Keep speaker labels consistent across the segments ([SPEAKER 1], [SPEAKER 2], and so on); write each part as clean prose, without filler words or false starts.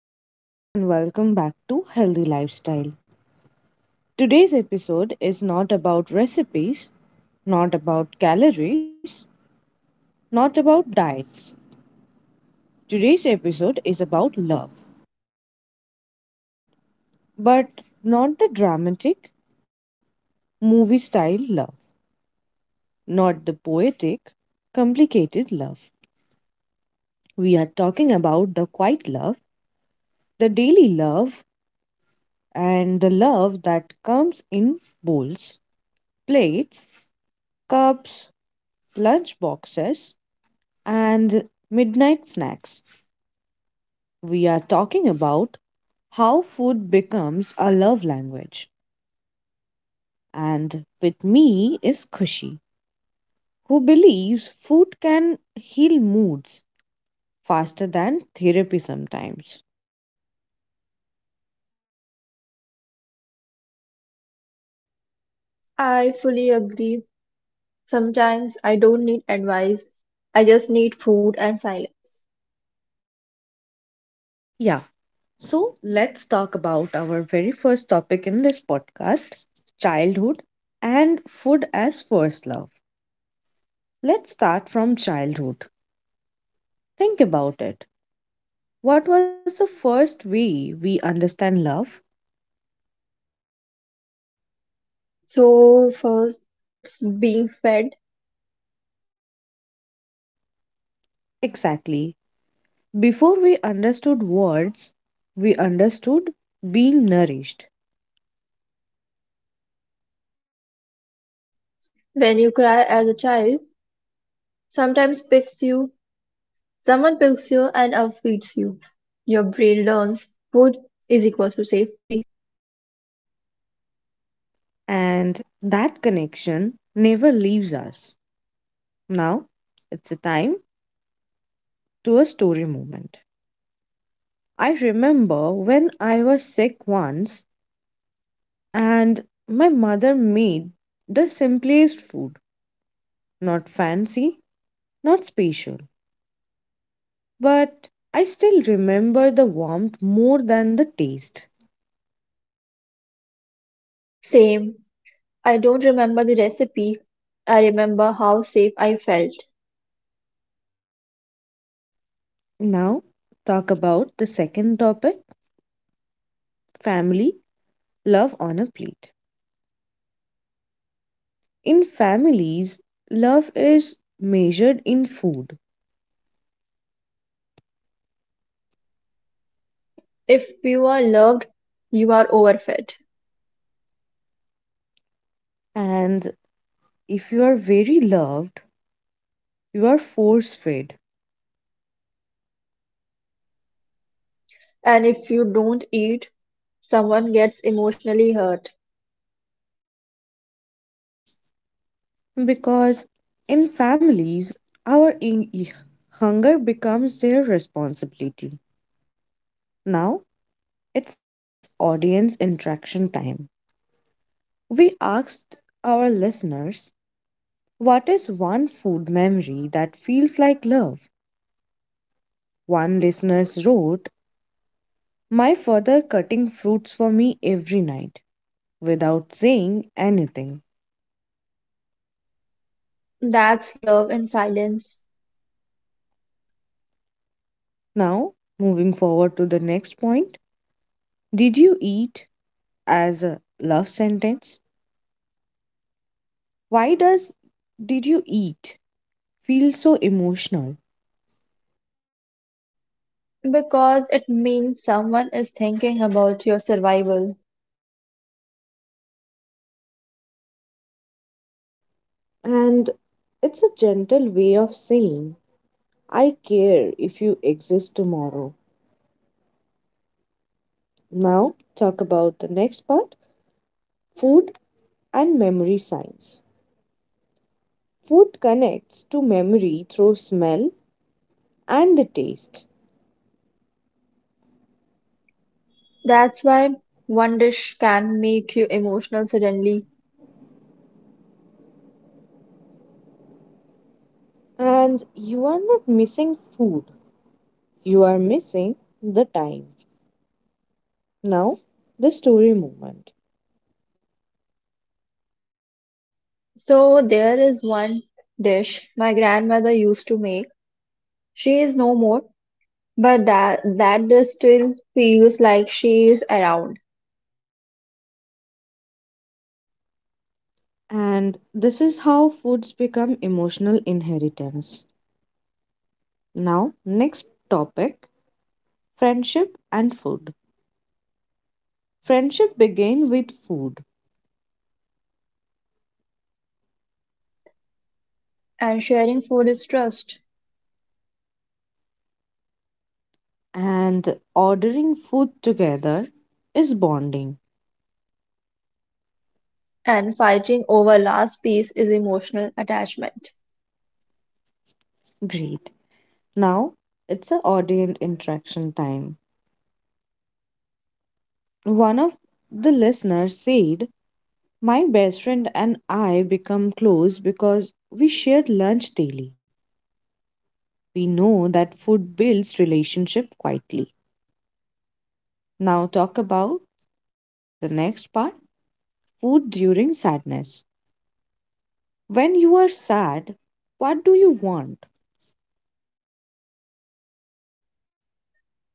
[SPEAKER 1] everyone, and welcome back to Healthy Lifestyle. Today's episode is not about recipes, not about calories, not about diets. Today's episode is about love, but not the dramatic, movie style love, not the poetic, complicated love. We are talking about the quiet love, the daily love, and the love that comes in bowls, plates, cups, lunch boxes and midnight snacks. We are talking about how food becomes a love language. And with me is Kushi, who believes food can heal moods faster than therapy sometimes.
[SPEAKER 2] I fully agree. Sometimes I don't need advice, I just need food and silence.
[SPEAKER 1] Yeah, so let's talk about our very first topic in this podcast, childhood and food as first love. Let's start from childhood. Think about it. What was the first way we understand love?
[SPEAKER 2] So, first, it's being fed.
[SPEAKER 1] Exactly. Before we understood words, we understood being nourished.
[SPEAKER 2] When you cry as a child, sometimes picks you, someone picks you and you. Your brain learns food is equal to safety.
[SPEAKER 1] And that connection never leaves us. Now, it's a time to a story moment. I remember when I was sick once and my mother made the simplest food, not fancy, not special. But I still remember the warmth more than the taste.
[SPEAKER 2] Same. I don't remember the recipe. I remember how safe I felt.
[SPEAKER 1] Now, talk about the second topic, family, love on a plate. In families, love is measured in food.
[SPEAKER 2] If you are loved, you are overfed.
[SPEAKER 1] And if you are very loved, you are force fed.
[SPEAKER 2] And if you don't eat, someone gets emotionally hurt.
[SPEAKER 1] Because in families, our in- hunger becomes their responsibility. Now it's audience interaction time. We asked our listeners, what is one food memory that feels like love? One listener wrote, my father cutting fruits for me every night without saying anything.
[SPEAKER 2] That's love in silence
[SPEAKER 1] Now, moving forward to the next point. Did you eat as a love sentence? Why does did you eat feel so emotional?
[SPEAKER 2] because it means someone is thinking about your survival.
[SPEAKER 1] And it's a gentle way of saying, I care if you exist tomorrow. Now, talk about the next part, food and memory science. Food connects to memory through smell and the taste.
[SPEAKER 2] That's why one dish can make you emotional suddenly.
[SPEAKER 1] And you are not missing food, you are missing the time. Now, the story movement.
[SPEAKER 2] So, there is one dish my grandmother used to make. She is no more, but that dish still feels like she is around.
[SPEAKER 1] And this is how foods become emotional inheritance. Now, next topic, friendship and food. Friendship began with food,
[SPEAKER 2] And sharing food is trust,
[SPEAKER 1] and ordering food together is bonding.
[SPEAKER 2] and fighting over last piece is emotional attachment.
[SPEAKER 1] Great. Now, it's a audience interaction time. One of the listeners said, my best friend and I become close because we share lunch daily. We know that food builds relationship quietly. Now talk about the next part, food during sadness. When you are sad, what do you want?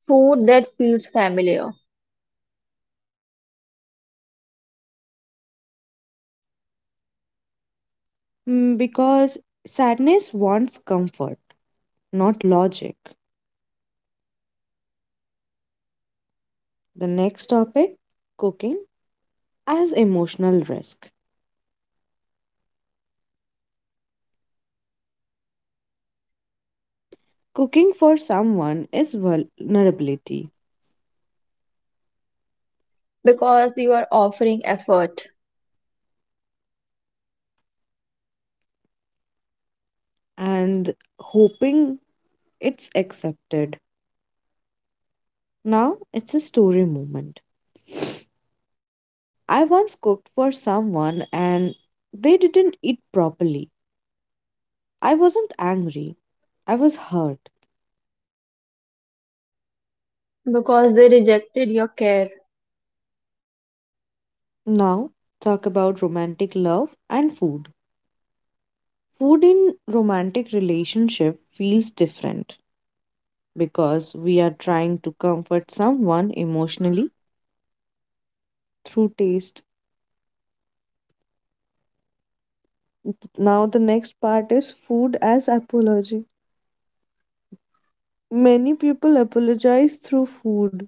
[SPEAKER 2] Food that feels familiar
[SPEAKER 1] Mm, because sadness wants comfort, not logic. The next topic, cooking as emotional risk. Cooking for someone is vulnerability
[SPEAKER 2] because you are offering effort.
[SPEAKER 1] and hoping it's accepted. Now it's a story moment. I once cooked for someone and they didn't eat properly. I wasn't angry, I was hurt.
[SPEAKER 2] Because they rejected your care.
[SPEAKER 1] Now, talk about romantic love and food. Food in romantic relationship feels different because we are trying to comfort someone emotionally through taste. Now the next part is food as apology. Many people apologize through food.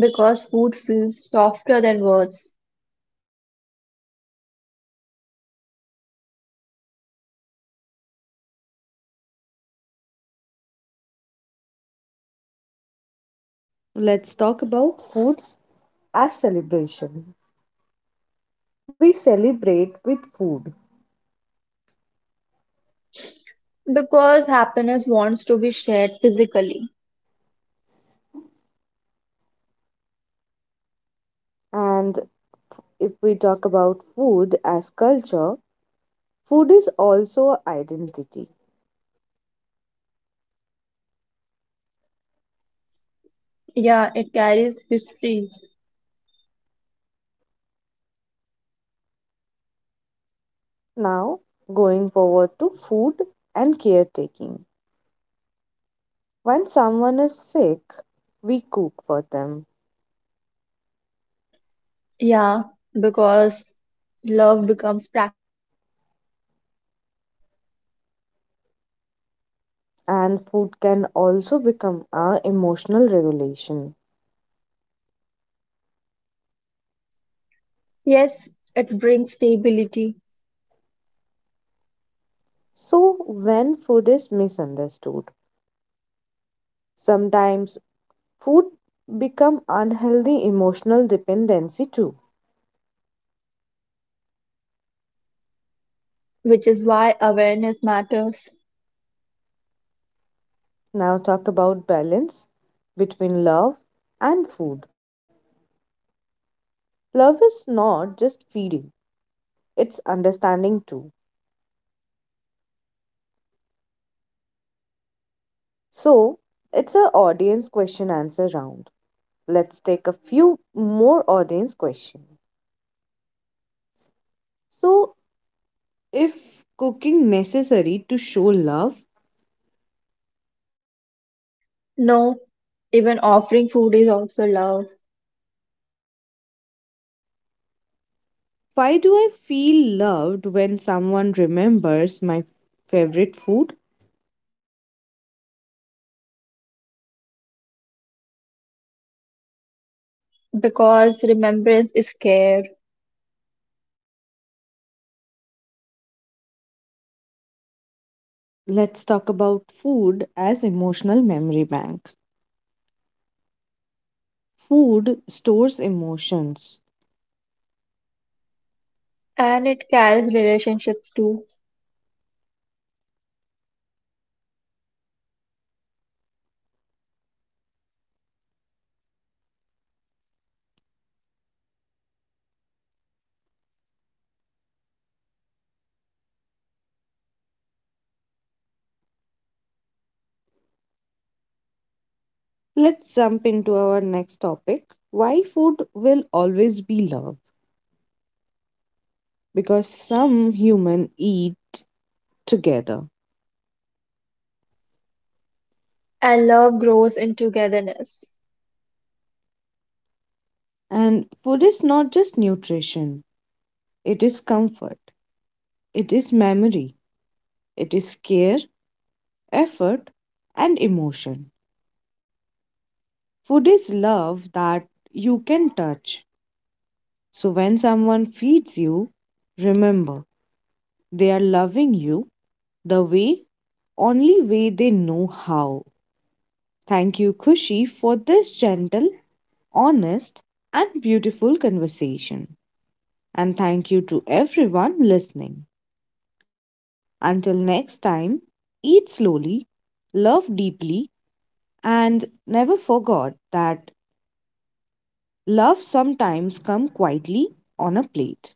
[SPEAKER 2] Because food feels softer than words.
[SPEAKER 1] Let's talk about food as celebration. We celebrate with food.
[SPEAKER 2] Because happiness wants to be shared physically.
[SPEAKER 1] And if we talk about food as culture, food is also a identity.
[SPEAKER 2] Yeah, it carries history.
[SPEAKER 1] Now, going forward to food and caretaking. When someone is sick, we cook for them.
[SPEAKER 2] Yeah, because love becomes practical.
[SPEAKER 1] And food can also become our emotional regulation.
[SPEAKER 2] Yes, it brings stability,
[SPEAKER 1] So, when food is misunderstood, sometimes food become unhealthy emotional dependency too.
[SPEAKER 2] which is why awareness matters.
[SPEAKER 1] Now talk about balance between love and food. Love is not just feeding, it's understanding too. So, it's a audience question answer round. Let's take a few more audience question. So, if cooking necessary to show love,
[SPEAKER 2] No, even offering food is also love.
[SPEAKER 1] why do I feel loved when someone remembers my favorite food?
[SPEAKER 2] Because remembrance is care
[SPEAKER 1] Let's talk about food as emotional memory bank. Food stores emotions.
[SPEAKER 2] and it carries relationships too.
[SPEAKER 1] Let's jump into our next topic. Why food will always be love? Because some human eat together.
[SPEAKER 2] And love grows in togetherness.
[SPEAKER 1] And food is not just nutrition. It is comfort. It is memory. It is care, effort, and emotion. Food is love that you can touch. So when someone feeds you, remember, they are loving you the way only way they know how. Thank you, Kushi, for this gentle, honest, and beautiful conversation. And thank you to everyone listening. Until next time, eat slowly, love deeply, and never forget that love sometimes comes quietly on a plate.